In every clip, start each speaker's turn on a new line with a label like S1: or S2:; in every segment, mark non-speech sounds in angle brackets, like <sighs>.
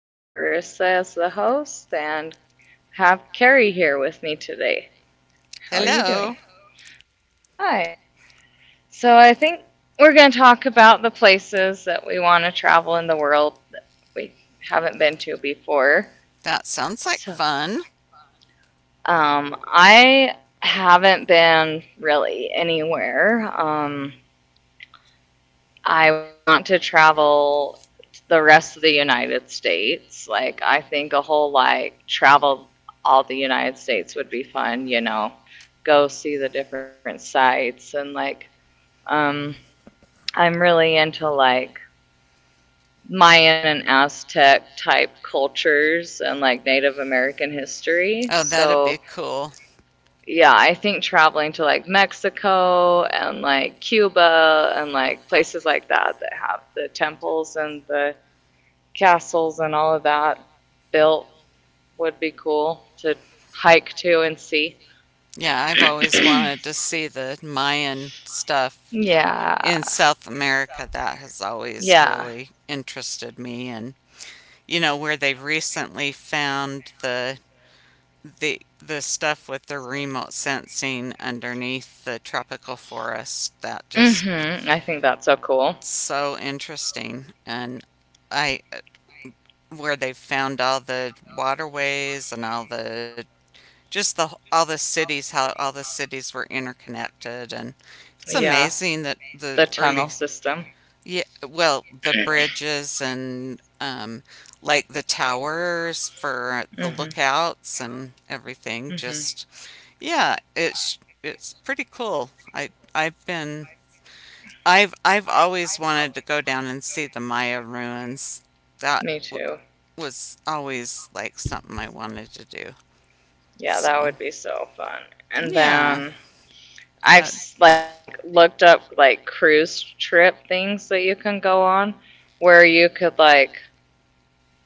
S1: We have Carissa as the host and have Carrie here with me today. How are
S2: Hello.
S1: you doing? Hi. So, I think we're going to talk about the places that we want to travel in the world that we haven't been to before.
S2: That sounds like
S1: So,
S2: fun.
S1: I haven't been really anywhere. I want to travel the rest of the United States. Like, I think a whole like travel all the United States would be fun, go see the different sites and like, um, I'm really into like Mayan and Aztec type cultures and like Native American history.
S2: Oh, that'd be so
S1: So,
S2: cool.
S1: yeah, I think traveling to like Mexico and like Cuba and like places like that that have the temples and the castles and all of that built would be cool to hike to and see.
S2: Yeah, I've always
S1: <clears throat>
S2: wanted
S1: Yeah.
S2: to see the Mayan stuff in South America. That has always
S1: Yeah.
S2: really interested me. And you know where they've recently found the the stuff with the remote sensing underneath the tropical forest that just
S1: Mhm. I think that's
S2: so
S1: so
S2: cool.
S1: cool.
S2: So interesting. And I where they've found all the waterways and all the, just the, all the cities, how all the cities were interconnected. And it's
S1: Yeah.
S2: amazing that the
S1: The
S2: early.
S1: tunnel system.
S2: Yeah. Well, the bridges and like the towers for the
S1: Mhm.
S2: lookouts and everything,
S1: Mhm.
S2: just yeah. It's pretty cool. I've been. I've always wanted to go down and see the Maya ruins. That
S1: Me too.
S2: was always like something I wanted to do.
S1: Yeah,
S2: So,
S1: that would be so fun. And
S2: yeah,
S1: then
S2: that
S1: I've like looked up like cruise trip
S2: trip.
S1: things that you can go on where you could like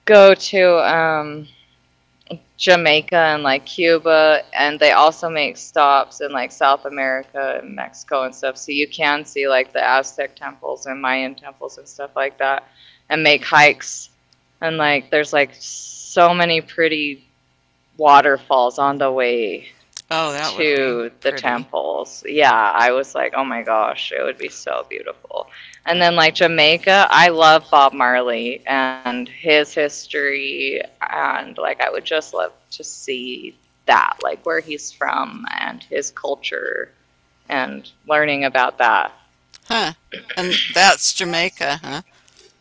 S1: go to Jamaica and like Cuba, and they also make stops in like South America and Mexico and stuff so you can see like the Aztec temples and Mayan temples and stuff like that and make hikes, and like there's like so many pretty waterfalls on the way
S2: Oh, that would be
S1: to the
S2: pretty.
S1: temples. Yeah, I was like, oh my gosh, it would be so beautiful. And
S2: um,
S1: then
S2: Uh,
S1: like Jamaica, I love Bob Marley and his history, and like I would just love to see that, like where he's from and his culture, and learning about that.
S2: huh? And that's Jamaica, huh?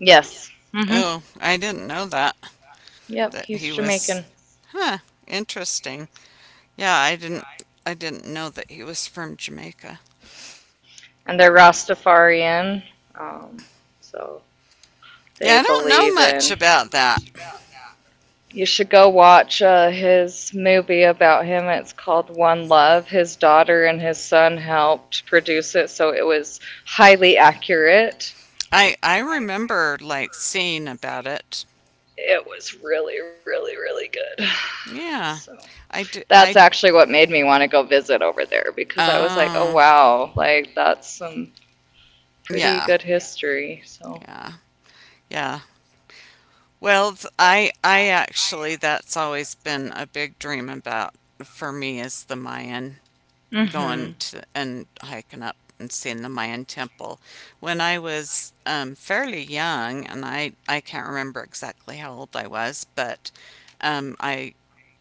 S1: Yes. Mm-hmm.
S2: Oh, I didn't know that
S1: Yep,
S2: he
S1: he's
S2: was.
S1: Jamaican,
S2: Yeah, huh? Interesting. Yeah, I didn't know that he was from Jamaica.
S1: and they're Rastafarian, um, so they
S2: Yeah, I don't know
S1: believe
S2: much
S1: in.
S2: about that.
S1: You should go watch his movie about him. It's called One Love. His daughter and his son helped produce it, so it was highly accurate.
S2: I remember like seeing about it.
S1: It was really, really, really good. <sighs>
S2: Yeah.
S1: So
S2: I do,
S1: that's
S2: I
S1: actually what made me want to go visit over there because I was like, oh
S2: over there
S1: wow, like that's some
S2: because. Oh,
S1: pretty
S2: yeah.
S1: good history. So,
S2: Yeah. Yeah. Well, I actually, that's always been a big dream about, for me, is the Mayan, going
S1: mm-hmm.
S2: to and hiking up and seeing the Mayan temple. When I was fairly young, and I can't remember exactly how old I was, but I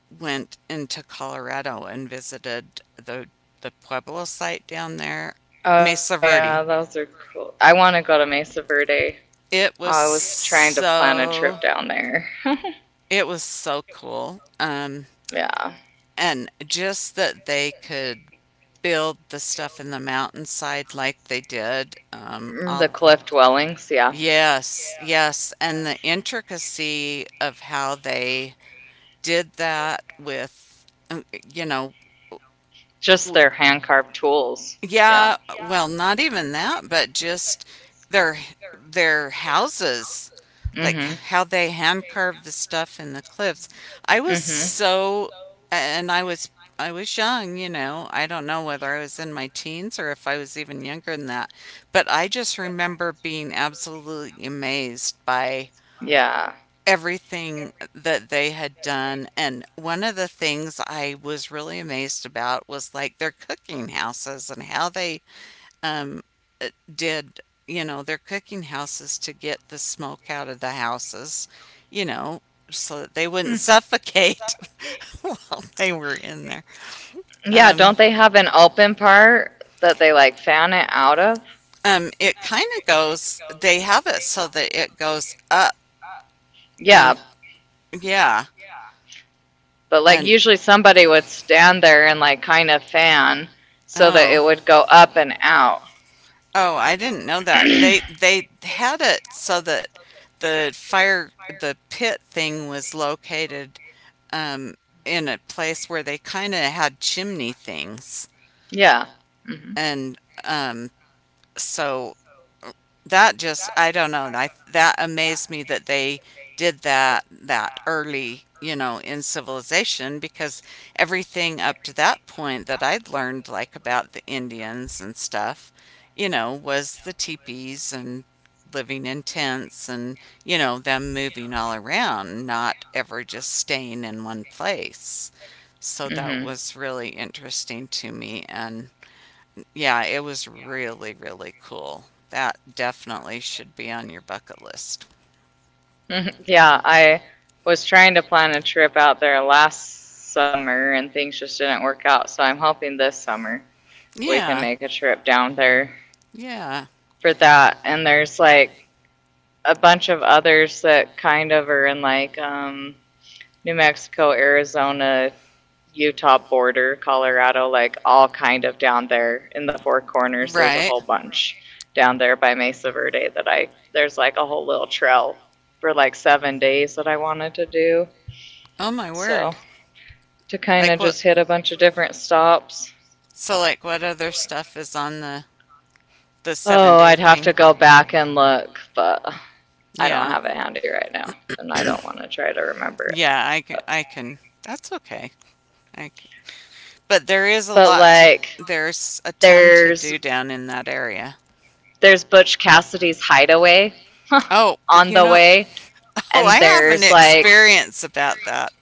S2: went into Colorado and visited the Pueblo site down there,
S1: Oh
S2: Mesa
S1: yeah,
S2: Verde.
S1: those are cool. I want to go to Mesa Verde.
S2: It was
S1: I was trying to plan a
S2: so
S1: trip down there. <laughs>
S2: it was so cool. Um,
S1: Yeah.
S2: and just that they could build the stuff in the mountainside like they did.
S1: The cliff dwellings, yeah.
S2: Yes, yes, and the intricacy of how they did that with. uh, you know,
S1: Just
S2: Well,
S1: their hand carved tools.
S2: yeah,
S1: Yeah.
S2: well, not even that, but just their their houses, like
S1: Mhm.
S2: how they hand carved the stuff in the cliffs. I was
S1: Mhm.
S2: so, and I was I was young, you know. I don't know whether I was in my teens or if I was even younger than that, but I just remember being absolutely amazed by
S1: Yeah.
S2: everything that they had done. And one of the things I was really amazed about was like their cooking houses, and how they um, did, their cooking houses to get the smoke out of the houses, you know, so that they wouldn't suffocate <laughs> while they were in there.
S1: Yeah,
S2: Um,
S1: don't they have an open part that they like fan it out of?
S2: it kind of goes, they have it so that it goes up in.
S1: Yeah,
S2: Yeah. Yeah.
S1: but like
S2: And
S1: usually somebody would stand there and like kind of fan so that
S2: oh, and
S1: it would go up and out.
S2: oh, I didn't know
S1: Oh,
S2: that. They
S1: <clears throat>
S2: they had it so that the pit thing was located um in a place where they kind of had chimney things.
S1: yeah. Hmm.
S2: And um so that just. I don't know. I That amazed me that they did that that early, you know, in civilization, because everything up to that point that I'd learned, like, about the Indians and stuff, you know, was the teepees and living in tents, and, you know, them moving all around, not ever just staying in one place. So that
S1: Hmm.
S2: was really interesting to me. And yeah, it was really, really cool. That definitely should be on your bucket list.
S1: Mhm. Yeah, I was trying to plan a trip out there last summer and things just didn't work out. So I'm hoping this summer we can
S2: Yeah,
S1: make a trip down there
S2: yeah.
S1: for that. And there's like a bunch of others that kind of are in like New Mexico, Arizona, Utah border, Colorado, like all kind of down there in the Four Corners. There's a
S2: Right.
S1: whole bunch down there by Mesa Verde that I there's like a whole little trail for like 7 days that I wanted to do.
S2: Oh my
S1: So
S2: word.
S1: to kind of
S2: Like what?
S1: just hit a bunch of different stops.
S2: So like what other
S1: So.
S2: stuff is on the
S1: Oh,
S2: 7-day
S1: I'd have
S2: thing?
S1: to go back and look, but I don't
S2: Yeah.
S1: have it handy right now, and I don't want to try to remember it.
S2: Yeah, I can
S1: But,
S2: I can. That's okay. I can, but
S1: but like,
S2: there's a ton to
S1: there's
S2: do down in that area.
S1: there's Butch Cassidy's Hideaway <laughs>
S2: Oh,
S1: on
S2: you
S1: the
S2: know,
S1: way,
S2: <laughs> oh,
S1: and
S2: I have an
S1: there's like
S2: experience about that.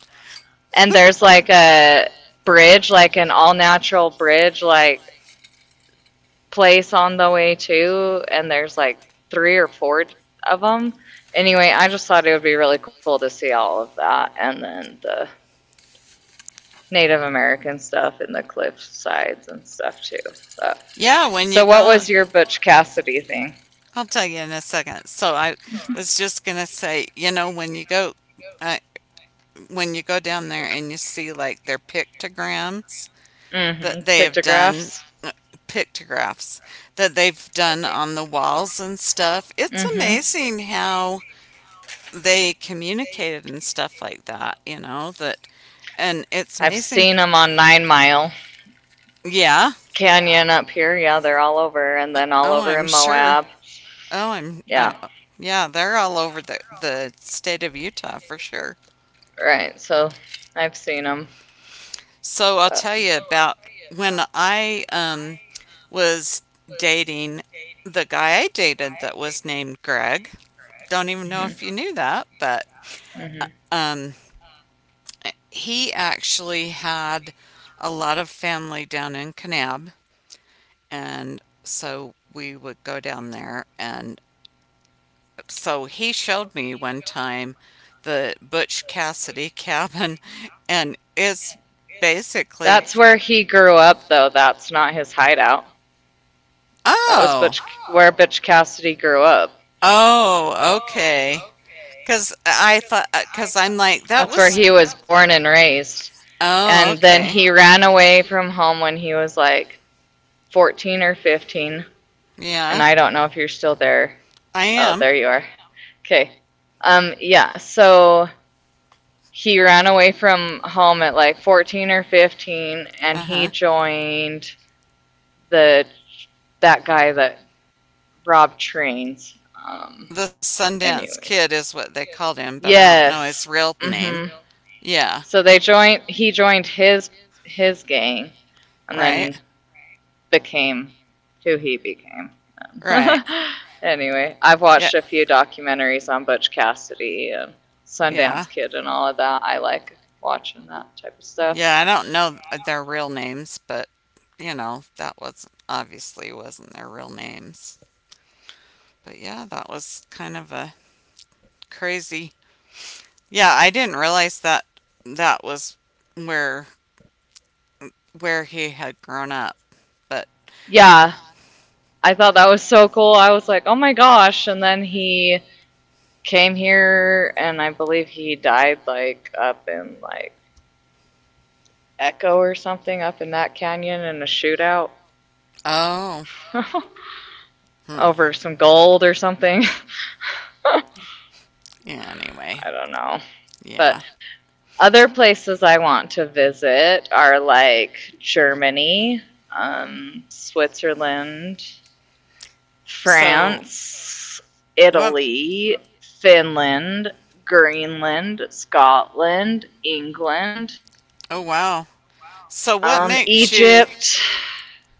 S1: and there's like a bridge, like an all natural bridge, like place on the way too, and there's like three or four of them. Anyway, I just thought it would be really cool to see all of that, and then the Native American stuff and the cliff sides and stuff too. But
S2: Yeah, when you
S1: so, what
S2: go,
S1: was your Butch Cassidy thing?
S2: I'll tell you in a second. So I was just
S1: <laughs>
S2: gonna say, uh, when you go down there and you see like their pictograms that
S1: Mm
S2: they
S1: hmm.
S2: have done. uh,
S1: Pictographs.
S2: Pictographs that they've done on the walls and stuff. It's
S1: Mhm.
S2: amazing how they communicated and stuff like that. You know that, and it's
S1: I've
S2: amazing.
S1: seen them on Nine Mile
S2: Yeah.
S1: Canyon up here. Yeah, they're all over, and then all
S2: Oh,
S1: over
S2: I'm
S1: in
S2: sure.
S1: Moab.
S2: Oh, I'm.
S1: Yeah,
S2: Yeah, they're all over the state of Utah for sure.
S1: right. So I've seen them.
S2: So I'll tell
S1: But,
S2: you about when I was dating the guy I dated that was named Greg. Don't even
S1: mhm,
S2: know
S1: mm,
S2: if you knew that, but
S1: mhm.
S2: um he actually had a lot of family down in Kanab, and so we would go down there. And so he showed me one time the Butch Cassidy <laughs> cabin, and it's basically.
S1: That's where he grew up, though. That's not his hideout. That was
S2: Oh.
S1: Butch, oh, where Butch Cassidy grew up.
S2: Oh, okay, because I thought. Because I'm like, that
S1: That's where
S2: was.
S1: he was born and raised.
S2: Oh,
S1: And then
S2: okay.
S1: he ran away from home when he was like 14 or 15.
S2: Yeah,
S1: And I don't know if you're still there.
S2: I
S1: Oh,
S2: am.
S1: there you are. Okay. Yeah, so he ran away from home at like 14 or 15 and
S2: Uh
S1: he
S2: huh
S1: joined the that guy that robbed trains.
S2: joined. The Sundance
S1: Anyway.
S2: Kid is what they called him, but I don't know. Yeah. His
S1: Yes.
S2: real
S1: Mm.
S2: name.
S1: Mhm.
S2: Yeah.
S1: So they joined. He joined his gang, and
S2: Right.
S1: then became who he became. <laughs>
S2: Right.
S1: Anyway, I've
S2: Yeah.
S1: watched a few documentaries on Butch Cassidy and
S2: And yeah.
S1: Sundance Kid and all of that. I like watching that type of stuff.
S2: Yeah, I don't know their real names, but that was obviously wasn't their real names. But yeah, that was kind of a crazy. Yeah, I didn't realize that that was where where he had grown up. But
S1: Yeah, I thought that was so cool. I was like, oh my gosh! And then he came here, and I believe he died like up in like Echo or something up in that canyon in a shootout.
S2: oh,
S1: <laughs>
S2: hmm.
S1: Over some gold or something. <laughs> I
S2: Yeah, anyway.
S1: don't know.
S2: Yeah,
S1: But
S2: but.
S1: other places I want to visit are like Germany, Switzerland,
S2: So.
S1: France,
S2: Dance, what?
S1: Italy, Finland, Greenland, Scotland, England,
S2: Oh, wow. So
S1: Egypt.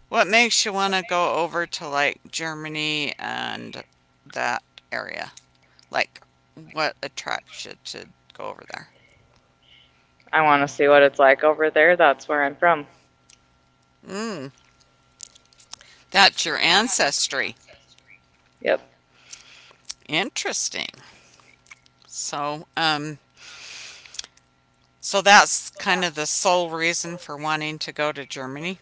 S2: what makes you want to go over to, like, Germany and that area? Like, what attracts you to go over there?
S1: I want to see what it's like over there. That's where I'm from.
S2: Mm, that's your ancestry.
S1: Yep.
S2: Interesting. So um so that's kind of the sole reason for wanting to go to Germany.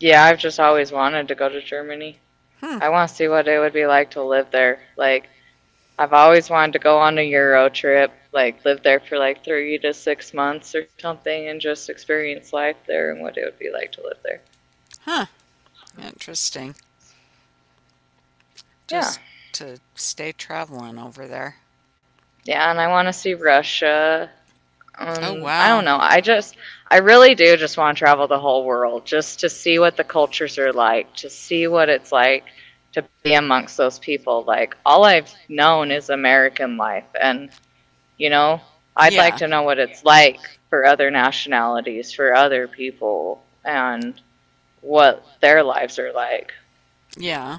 S1: Yeah, I've just always wanted to go to Germany.
S2: Hmm,
S1: I want to see what it would be like to live there. Like, I've always wanted to go on a Euro trip, like, live there for like 3 to 6 months or something and just experience life there and what it would be like to live there.
S2: huh. Interesting. Just
S1: Yeah.
S2: to stay traveling over there.
S1: Yeah, and I want to see Russia.
S2: Oh,
S1: I don't
S2: wow.
S1: know. I really do just want to travel the whole world just to see what the cultures are like, to see what it's like to be amongst those people. Like, all I've known is American life. And You know, I'd like
S2: Yeah.
S1: to know what it's like for other nationalities, for other people, and what their lives are like.
S2: Yeah,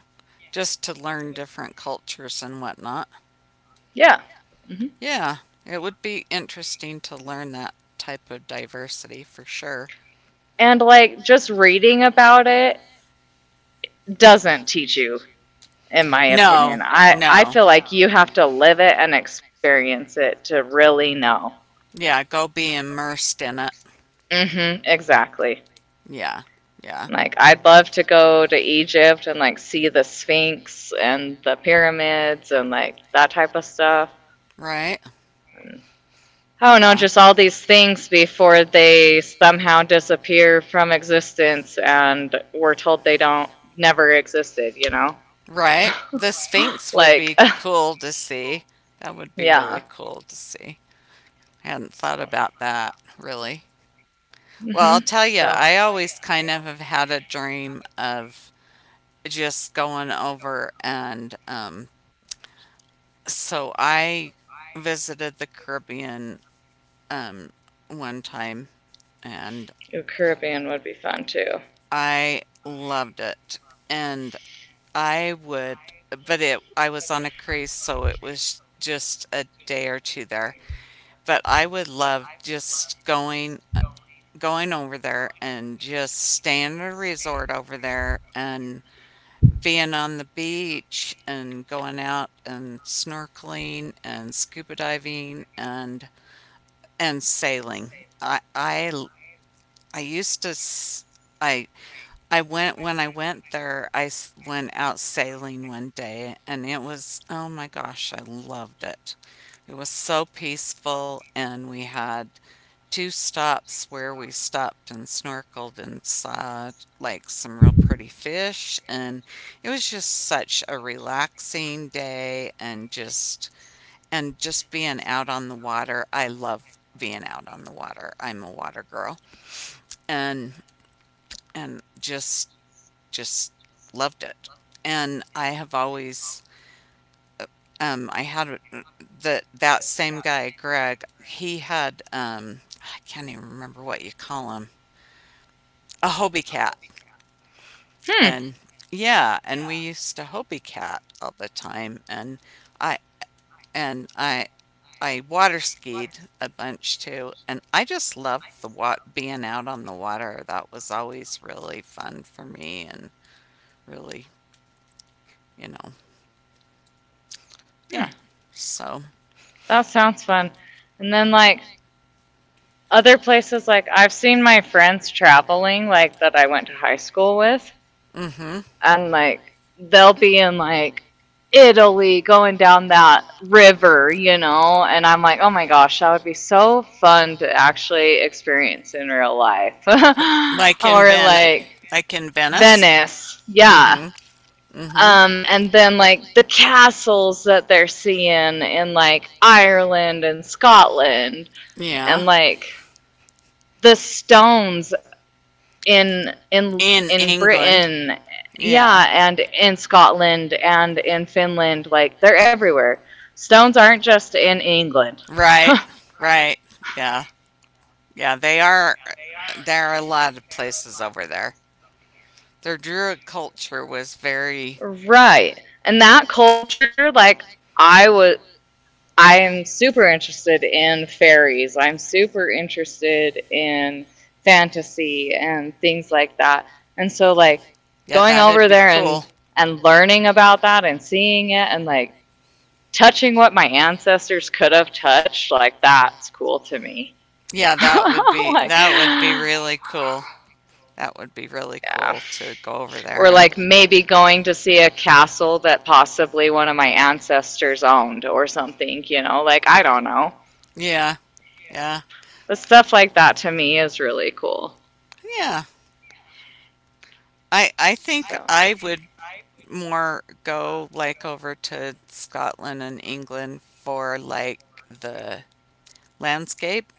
S2: just to learn different cultures and whatnot.
S1: Yeah. Hmm.
S2: Yeah, it would be interesting to learn that type of diversity for sure.
S1: And like just reading about it doesn't teach you, in my
S2: No,
S1: opinion. I
S2: no.
S1: feel like you have to live it and experience it to really know.
S2: Yeah, go be immersed in it.
S1: Immersed. Hmm. Exactly.
S2: Yeah, yeah,
S1: Like I'd love to go to Egypt and like see the Sphinx and the pyramids and like that type of stuff.
S2: right?
S1: I don't know,
S2: Yeah.
S1: just all these things before they somehow disappear from existence and we're told they don't never existed, you know?
S2: Right. The Sphinx would
S1: Like
S2: be cool to see. That would
S1: <laughs>
S2: be really
S1: yeah.
S2: cool to see. I hadn't thought
S1: So
S2: about that really. Well, I'll
S1: mhm.
S2: tell you,
S1: So. Well,
S2: I always kind of have had a dream of just going over and so I visited the Caribbean um, one time, and
S1: dream. Ooh, Caribbean would be fun too.
S2: I loved it. And I would, I was on a cruise, so it was just a day or two there, but I would love just going over there and just staying at a resort over there and being on the beach and going out and snorkeling and scuba diving and sailing. I I I used to s- I I went when I went there. I went out sailing one day, and it was, oh my gosh, I loved it. It was so peaceful, and we had two stops where we stopped and snorkeled and saw like some real pretty fish, and it was just such a relaxing day. And just being out on the water. I love being out on the water. I'm a water girl. And and just loved it. And I have always. I had the that same guy Greg. He had, I can't even remember what you call him, a Hobie cat. And
S1: Hmm.
S2: yeah, and we used to Hopi Cat all the time, I and I water skied a bunch too, and I just loved being out on the water. That was always really fun for me, and really, you know, yeah.
S1: Hmm.
S2: So,
S1: That sounds fun. And then like other places like I've seen my friends traveling like that I went to high school with,
S2: hmm
S1: and like they'll be in like Italy going down that river, and I'm like, "Oh my gosh, that would be so fun to actually experience in real life." <laughs>
S2: like
S1: Or like
S2: Like in Venice.
S1: Venice. Yeah.
S2: Hmm. Hmm.
S1: And then like the castles that they're seeing in like Ireland and Scotland and
S2: Yeah,
S1: like the stones in in
S2: in
S1: in
S2: England.
S1: Britain,
S2: Yeah.
S1: yeah, and in Scotland and in Finland, like they're everywhere. Stones aren't just in England.
S2: Right. Right. Yeah. Yeah. They are. There are a lot of places over there. Their Druid culture was very.
S1: Right. And that culture, like I was I am super interested in fairies. I'm super interested in fantasy and things like that. And so like
S2: Yeah,
S1: going
S2: that'd
S1: over
S2: be
S1: there
S2: cool.
S1: and learning about that and seeing it and like touching what my ancestors could have touched, like that's cool to me.
S2: Yeah,
S1: <laughs>
S2: that would be
S1: Like
S2: that would be
S1: yeah.
S2: really cool. That would be really cool to go over there.
S1: Or
S2: And
S1: like maybe going to see a castle that possibly one of my ancestors owned or something, you know? Like I don't know.
S2: yeah, yeah.
S1: But stuff like that to me is really cool.
S2: Yeah. I think
S1: So
S2: I would more go like over to Scotland and England for like the landscape,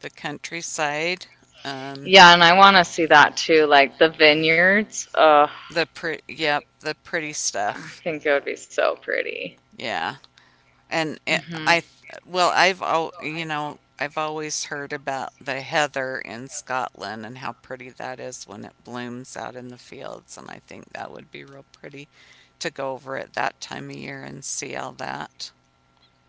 S2: the countryside, um,
S1: yeah, and I want to see that too, like the vineyards.
S2: yep, the pretty
S1: I
S2: stuff.
S1: think it would be so pretty.
S2: Yeah, and it.
S1: Mhm.
S2: I well, I've al- you know I've always heard about the heather in Scotland and how pretty that is when it blooms out in the fields, and I think that would be real pretty to go over at that time of year and see all that.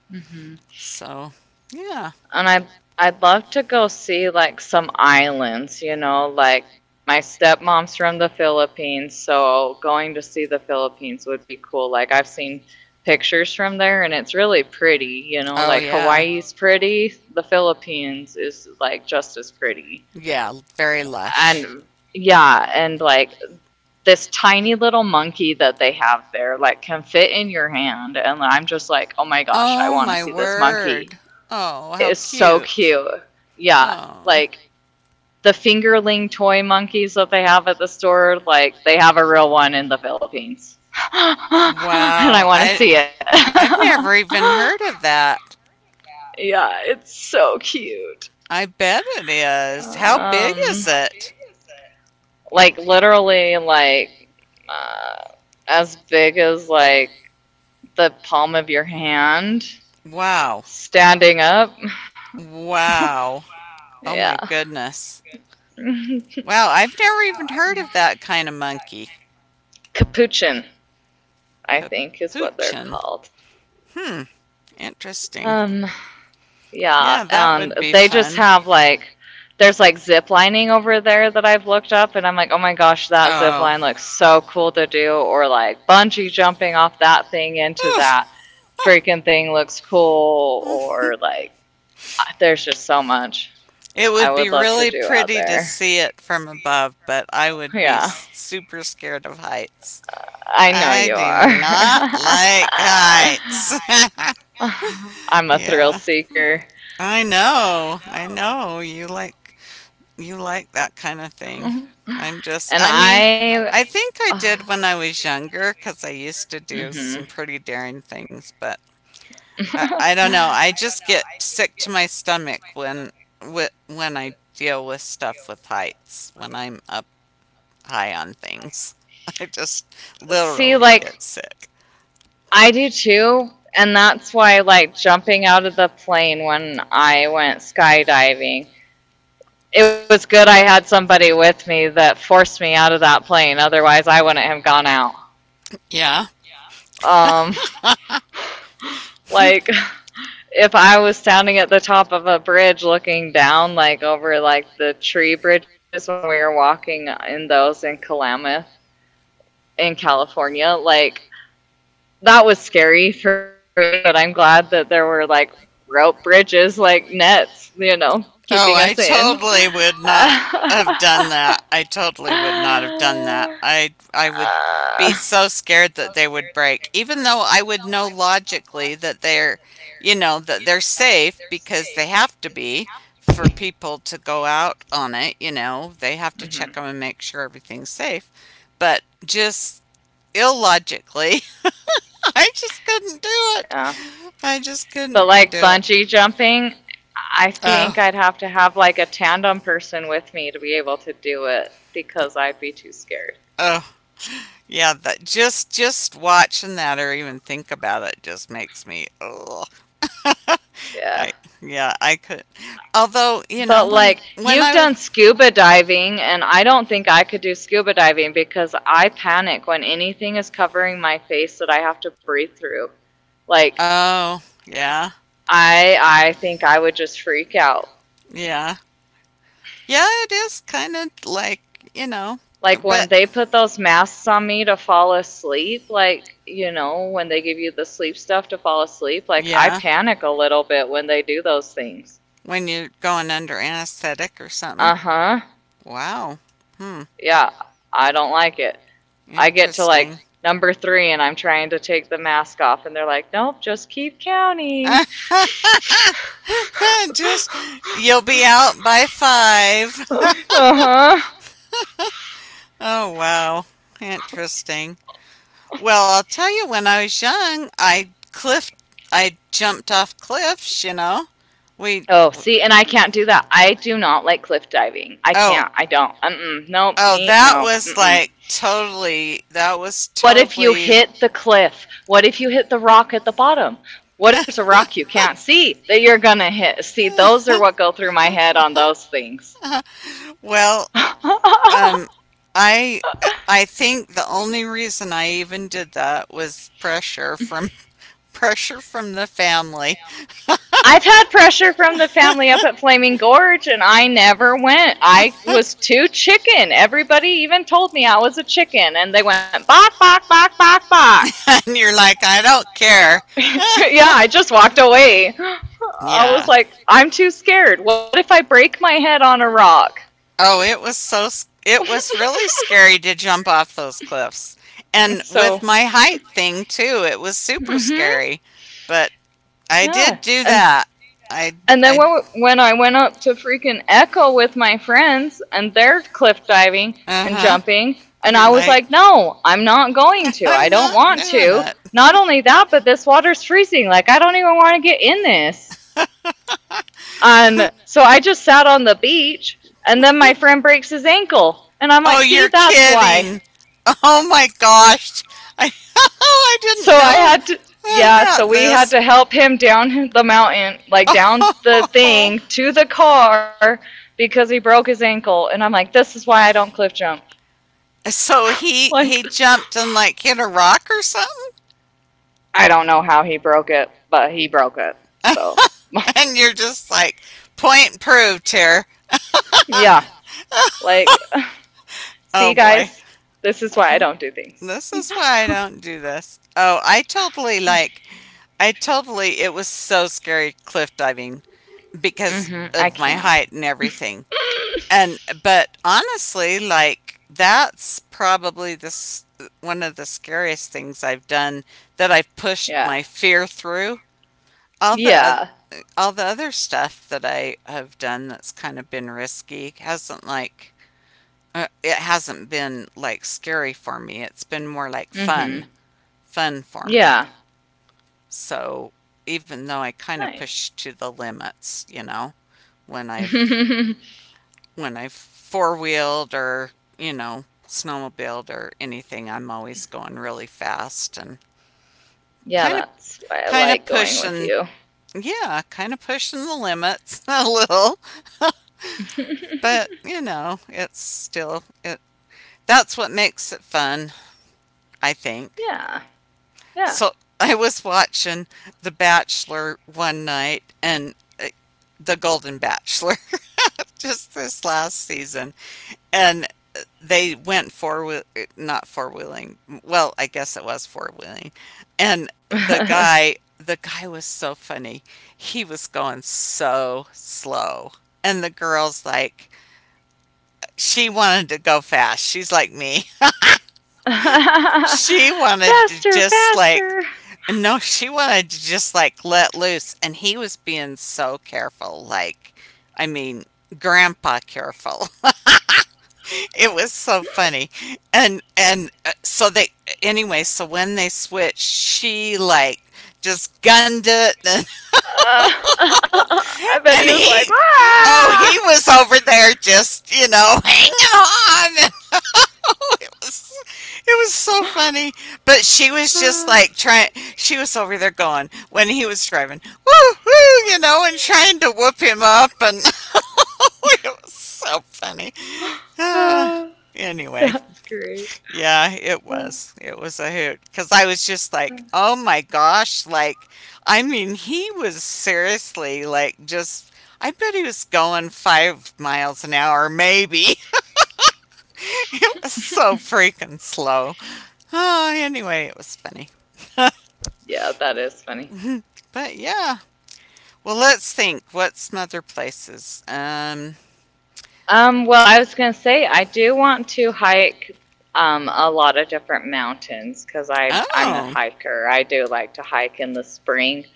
S1: Mhm.
S2: So, yeah.
S1: And I'd love to go see like some islands, like my stepmom's from the Philippines, so going to see the Philippines would be cool. Like I've seen pictures from there and it's really pretty,
S2: Oh,
S1: like
S2: yeah.
S1: Hawaii's pretty, the Philippines is like just as pretty.
S2: Yeah, very lush.
S1: And yeah, and like this tiny little monkey that they have there like can fit in your hand, and I'm just like, "Oh my gosh, I
S2: Oh
S1: want to
S2: my
S1: see this monkey."
S2: word. Oh,
S1: It
S2: how
S1: is so
S2: cute.
S1: cute. Yeah,
S2: Oh,
S1: like the fingerling toy monkeys that they have at the store, like they have a real one in the Philippines. <laughs> And I
S2: wow.
S1: want to
S2: I
S1: see it.
S2: I've never even
S1: <laughs>
S2: heard of that.
S1: Yeah, it's so cute.
S2: I bet it is. How big
S1: Um
S2: is it?
S1: like literally like uh, as big as like the palm of your hand
S2: Wow.
S1: standing up.
S2: Wow. Oh
S1: Yeah.
S2: my
S1: <laughs>
S2: goodness.
S1: Oh my
S2: Wow,
S1: goodness.
S2: I've never even heard of that kind of monkey.
S1: <laughs> Capuchin I think is what they're
S2: Capuchin.
S1: called.
S2: Hmm, interesting.
S1: um yeah,
S2: Yeah, that
S1: and
S2: would be
S1: they just
S2: fun.
S1: have like there's like zip lining over there that I've looked up and I'm like, oh my gosh, that zip
S2: Oh,
S1: line looks so cool to do, or like bungee jumping off that thing into
S2: oof,
S1: that freaking thing looks cool, or like there's just so much
S2: it
S1: I
S2: would be
S1: would love to
S2: really
S1: do out
S2: pretty to
S1: there.
S2: see it from above, but I would be
S1: Yeah.
S2: super scared of heights.
S1: I know
S2: I
S1: you
S2: do not
S1: are.
S2: like heights.
S1: <laughs>
S2: <laughs>
S1: I'm a thrill
S2: Yeah,
S1: seeker.
S2: I know. I know. You like that kind of thing.
S1: Mhm.
S2: I'm just,
S1: And
S2: I mean, I
S1: I
S2: think
S1: <sighs> I.
S2: I
S1: Uh,
S2: did when I was younger because I used to do some pretty daring things, but
S1: Mhm. <laughs>
S2: I don't know. I just get sick to my stomach when when I deal with stuff with heights, when I'm up high on things. <laughs> I just
S1: See,
S2: literally
S1: like,
S2: get sick.
S1: I do too. And that's why, like, jumping out of the plane when I went skydiving, it was good I had somebody with me that forced me out of that plane. Otherwise, I wouldn't have gone out.
S2: Yeah.
S1: Um, <laughs> like if I was standing at the top of a bridge looking down, like over like the tree bridges when we were walking in those in Klamath in California, like that was scary for me. But I'm glad that there were like rope bridges, like nets,
S2: Oh,
S1: keeping
S2: I
S1: us in.
S2: totally would not
S1: <laughs>
S2: have done that. I totally would not have done that. I would be
S1: Uh,
S2: so scared that they would break, even though I would know logically that they're, you know, that they're safe because they have to be for people to go out on it. You know, they have to check
S1: mhm,
S2: them and make sure everything's safe. But just illogically, <laughs> I just couldn't do it.
S1: yeah.
S2: I just
S1: But
S2: couldn't be- do
S1: like
S2: it.
S1: bungee jumping, I think
S2: Oh,
S1: I'd have to have like a tandem person with me to be able to do it because I'd be too scared.
S2: oh, yeah. That just watching that or even think about it just makes me. Ugh. <laughs>
S1: Yeah.
S2: I yeah, I could. Although you know
S1: But
S2: when
S1: like
S2: when
S1: you've
S2: I was
S1: done scuba diving and I don't think I could do scuba diving because I panic when anything is covering my face that I have to breathe through. Like
S2: oh yeah,
S1: I think I would just freak out.
S2: yeah, yeah, it is kind of like, you know,
S1: Like
S2: but
S1: when they put those masks on me to fall asleep, like, when they give you the sleep stuff to fall asleep, like I
S2: yeah.
S1: panic a little bit when they do those things.
S2: When you're going under anesthetic or something.
S1: Uh huh.
S2: Wow. Hmm.
S1: Yeah, I don't like it. I get to like
S2: Interesting.
S1: number three and I'm trying to take the mask off, and they're like, nope, just keep counting.
S2: <laughs> Just, you'll be out by five. <laughs>
S1: <laughs> Uh huh.
S2: Oh, wow. Interesting. Well, I'll tell you, when I was young, I I jumped off cliffs, you know. We,
S1: Oh,
S2: oh,
S1: see, and
S2: see,
S1: I
S2: and I
S1: can't do
S2: can't do
S1: that.
S2: that.
S1: I
S2: I
S1: do
S2: do
S1: not
S2: not
S1: like
S2: like
S1: cliff
S2: cliff diving.
S1: diving. I
S2: Oh,
S1: can't. I don't. Mm-mm.
S2: oh,
S1: Nope. Me.
S2: that
S1: No.
S2: was like
S1: Mm-mm.
S2: totally, that was
S1: What if you hit the cliff? What if you hit the rock at the bottom? What if there's a rock you can't see that you're gonna hit? See, those are what go through my head on those things.
S2: well,
S1: <laughs> I've
S2: um, I I think the only reason I even did that was pressure from <laughs> pressure from the family.
S1: had pressure from the family up at Flaming Gorge and I never went. I was too
S2: <laughs>
S1: chicken. Everybody even told me I was a chicken and they went bok, bok, bok, bok, bok.
S2: Bop. <laughs> And you're like, I don't
S1: <laughs>
S2: care.
S1: <laughs> Yeah, I just walked away. <gasps> I
S2: Yeah.
S1: was
S2: I.
S1: like, I'm too scared. What if I break my head on a rock?
S2: Oh, it was so it was really scary to jump off those cliffs. And
S1: <laughs>
S2: with
S1: So,
S2: my height thing too, it was super
S1: mhm,
S2: scary. But I
S1: yeah,
S2: did do
S1: and
S2: that. I
S1: and then when
S2: I
S1: when I went up to freaking Echo with my friends and they're cliff diving and
S2: uh-huh.
S1: jumping, and
S2: You're
S1: I
S2: and
S1: was
S2: I
S1: like,
S2: like
S1: no, I'm not going
S2: <laughs>
S1: to. I
S2: I'm
S1: don't
S2: not
S1: want
S2: doing
S1: to.
S2: it.
S1: Not only that, but this water's freezing. Like I don't even want to get in this. And so I just sat on the beach, and then my friend breaks his ankle, and I'm
S2: Oh,
S1: like, see,
S2: you're
S1: that's why.
S2: kidding. Oh my gosh. I, <laughs> I
S1: So
S2: didn't
S1: I
S2: know
S1: had to, yeah, so
S2: about
S1: we had
S2: this. <laughs>
S1: to help him down the mountain, like
S2: <laughs>
S1: down the
S2: Oh.
S1: thing to the car because he broke his ankle. And I'm like, this is why I don't cliff jump.
S2: So he
S1: Like,
S2: he jumped and like hit a rock or something.
S1: I don't know how he broke it, but he broke it. So,
S2: <laughs> And you're just like point proved here.
S1: yeah, like,
S2: Oh
S1: see,
S2: boy.
S1: guys, this is
S2: This is why I
S1: why I don't do
S2: don't do. This
S1: things.
S2: This is why I don't do this. Oh, I totally like I totally it was so scary cliff diving
S1: Mm
S2: because
S1: hmm, I
S2: of my
S1: can't.
S2: height and everything. And
S1: <laughs>
S2: but honestly like that's probably this one of the scariest things I've done that I've pushed
S1: yeah,
S2: my fear through all the
S1: yeah,
S2: oth- all the other stuff that I have done that's kind of been risky hasn't like it hasn't been like scary for me. It's been more like
S1: mm hmm,
S2: fun, fun for me.
S1: yeah,
S2: So even though I kind of
S1: nice.
S2: push to the limits, you know, when I've
S1: <laughs>
S2: when I four wheeled or, you know, snowmobiled or anything, I'm always going really fast and
S1: yeah,
S2: kind of
S1: that's why I
S2: kind
S1: like
S2: of
S1: going with
S2: pushing,
S1: you.
S2: yeah, kind of pushing the limits <laughs> a little, but
S1: <laughs>
S2: you know, it's still it that's what makes it fun, I think.
S1: Yeah. Yeah.
S2: So I was watching The Bachelor one night and uh, The Golden Bachelor <laughs> just this last season. And they went four wheel, not four wheeling, well, I guess it was four wheeling. And the
S1: <laughs>
S2: guy the guy was so funny. He was going so slow and the girl's like, she wanted to go fast, she's like me. <laughs> She wanted to
S1: faster,
S2: just like,
S1: faster.
S2: no, she wanted to just like let loose and he was being so careful, like, I mean, grandpa careful. It was so funny. And so they anyway so when they switched she like just gunned it. <laughs> and,
S1: Uh, <laughs> I bet he
S2: and
S1: was like,
S2: he, oh,
S1: ah!
S2: he was over there just, you know, <laughs> hanging on. And it was, it was so funny, but she was just like trying, she was over there going when he was driving woo woo, you know, and trying to whoop him up. And <laughs> it was so funny. <sighs> Uh,
S1: <laughs>
S2: anyway.
S1: That's great.
S2: Yeah, it was. It was a hoot. Because I was just like, oh my gosh. Like, I mean, he was seriously like just, I bet he was going 5 miles an hour, maybe. <laughs> It was so freaking slow. Oh, anyway, it was funny.
S1: Yeah, that is funny.
S2: <laughs> But yeah. Well, let's think. What's some other places?
S1: Well, I was going to say I do want to hike a lot of different mountains because I'm a
S2: Oh,
S1: hiker. I do like to hike in the spring.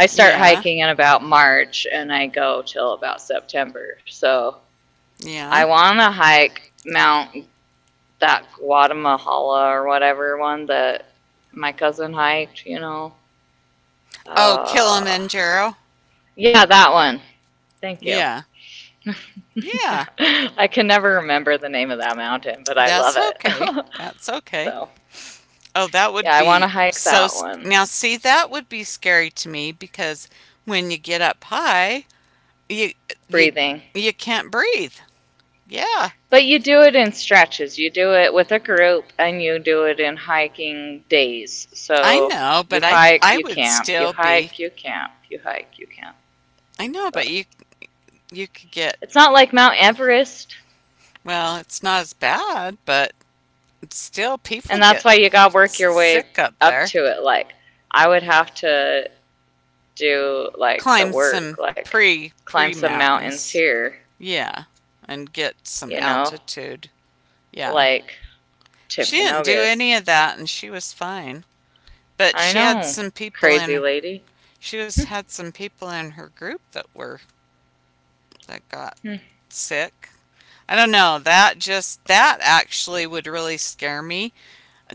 S1: I start
S2: yeah.
S1: hiking in about March and I go till about September. So
S2: So
S1: I
S2: yeah.
S1: want to hike Mount that Guatemala or whatever one that my cousin hiked. You know,
S2: Oh,
S1: uh,
S2: Kilimanjaro.
S1: yeah, that one. Thank you.
S2: Yeah. Yeah.
S1: <laughs> I can never remember the name of that mountain, but I love
S2: That's okay.
S1: it.
S2: That's
S1: <laughs>
S2: okay.
S1: so,
S2: Oh, that
S1: yeah,
S2: would
S1: I want to
S2: be
S1: hike
S2: so.
S1: that one.
S2: Now, see, that would be scary to me because when you get up high, you you
S1: Breathing.
S2: you can't breathe. Yeah,
S1: But you do it in stretches. You do it with a group and you do it in hiking days.
S2: I
S1: So,
S2: know,
S1: you
S2: but I
S1: hike,
S2: I
S1: you
S2: would
S1: camp, you
S2: still be.
S1: hike, you camp, you hike, you camp.
S2: I know, but
S1: But
S2: you could get.
S1: it's not like Mount Everest,
S2: Well, it's not as bad, but still, people
S1: and that's
S2: get
S1: why you got to work your way
S2: sick up
S1: up
S2: there.
S1: to it. Like, I would have to do like the
S2: Climb some
S1: work, like
S2: pre
S1: climb
S2: pre
S1: some mountains
S2: mountains.
S1: here
S2: Yeah, and get some
S1: you know,
S2: altitude. Yeah.
S1: like
S2: She didn't do
S1: Chimpanogas.
S2: any of that and she was fine. But
S1: I know, crazy lady.
S2: she was had some people in her group that were that got
S1: Hmm,
S2: sick. I don't know. That just that actually would really scare me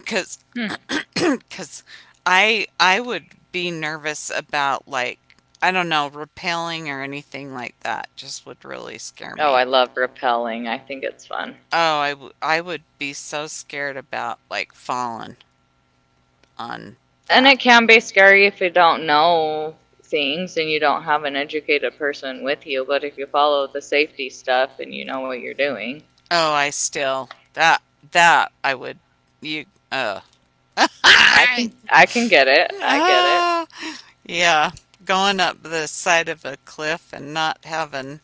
S2: cuz
S1: hmm.
S2: <clears throat> cuz I would be nervous about like I don't know, rappelling or anything like that just would really scare
S1: Oh, I
S2: me.
S1: love rappelling. I think it's fun.
S2: Oh, I, I would be so scared about like falling. On
S1: And
S2: that.
S1: it can be scary if you don't know things and you don't have an educated person with you, but if you follow the safety stuff and you know what you're doing,
S2: Oh, I still that that I would you uh
S1: I
S2: <laughs>
S1: can I can get it. I get it.
S2: yeah, going up the side of a cliff and not having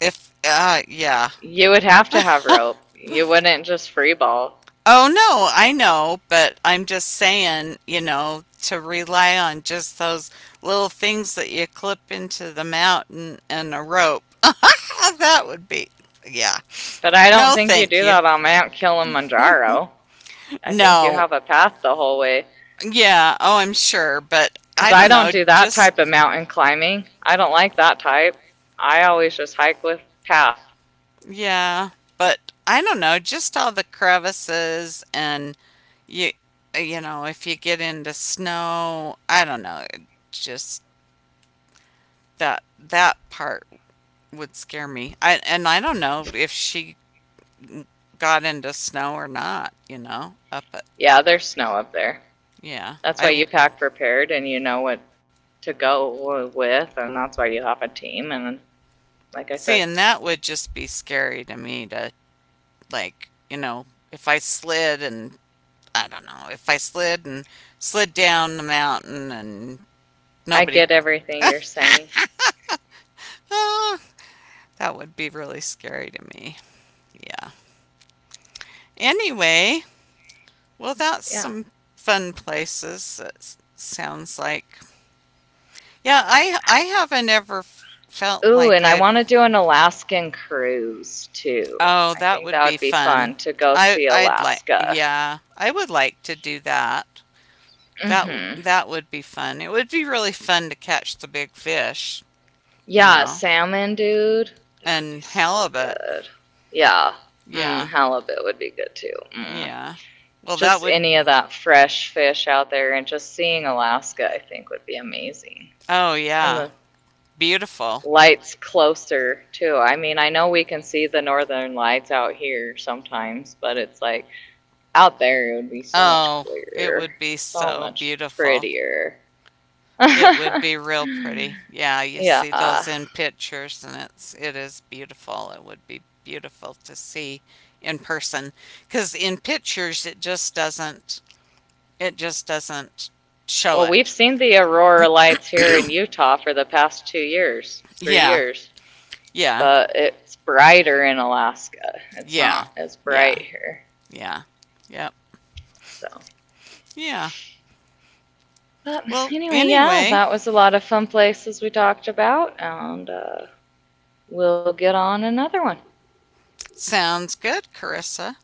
S2: if yeah,
S1: You would have to have rope. You wouldn't just free ball.
S2: oh no, I know, but I'm just saying, you know, to rely on just those little things that you clip into the mountain and a rope, ah, that would be, yeah,
S1: But I don't
S2: no
S1: think you
S2: thank
S1: do
S2: you.
S1: that on Mount Kilimanjaro. I think you
S2: No.
S1: have a path the whole way.
S2: Yeah, oh, I'm sure, but
S1: Because
S2: I
S1: I
S2: don't
S1: don't
S2: know,
S1: do that
S2: just
S1: type of mountain climbing. I don't like that type. I always just hike with path.
S2: yeah, but I don't know, just all the crevices and you you know, if you get into snow, I don't know, it just that part would scare me. I and I don't know if she got into snow or not, you know, up at
S1: Yeah, there's snow up there.
S2: yeah.
S1: That's why you pack prepared and you know what to go with, and that's why you have a team. And like I
S2: See
S1: said,
S2: and that would just be scary to me to like, you know, if I slid and I don't know if I slid and slid down the mountain and
S1: I
S2: nobody.
S1: get everything you're saying.
S2: Ah, that would be really scary to me. Yeah. Anyway, well, that's
S1: Yeah.
S2: some fun places. It sounds like. Yeah, I haven't ever felt
S1: Ooh, and
S2: like
S1: I want
S2: I've.
S1: to do an Alaskan cruise too.
S2: Oh,
S1: I
S2: that
S1: think
S2: would
S1: that
S2: be
S1: would be
S2: fun.
S1: fun to go
S2: I
S1: see
S2: I'd like.
S1: Alaska.
S2: Yeah, I would like to do that.
S1: Mm hmm.
S2: That would be fun. It would be really fun to catch the big fish. You
S1: Yeah,
S2: know,
S1: salmon, dude. That would be
S2: and
S1: so
S2: halibut.
S1: good. Yeah. Mm,
S2: Yeah,
S1: halibut would be good too. Mm.
S2: yeah. Well, that
S1: Just
S2: would,
S1: any of that fresh fish out there and just seeing Alaska, I think, would be amazing.
S2: oh,
S1: And
S2: yeah,
S1: the
S2: beautiful.
S1: lights closer too. I mean, I know we can see the northern lights out here sometimes, but it's like out there it would be so much
S2: Oh, it
S1: clearer,
S2: would be
S1: so
S2: so
S1: much
S2: beautiful.
S1: prettier.
S2: It would
S1: <laughs>
S2: be real pretty. Yeah, you see those
S1: yeah.
S2: in pictures and it's it is beautiful. It would be beautiful to see in person cuz in pictures it just doesn't show
S1: Well, we've seen the
S2: it.
S1: aurora lights here
S2: <coughs>
S1: in Utah for the past 2 years, three
S2: Yeah,
S1: years,
S2: yeah,
S1: but it's brighter in Alaska. It's
S2: yeah,
S1: not as
S2: yeah,
S1: bright here.
S2: yeah, yep,
S1: So,
S2: yeah.
S1: but
S2: Well,
S1: anyway, yeah,
S2: anyway,
S1: that was a lot of fun places we talked about, and we'll get on another one.
S2: sounds good, Carissa.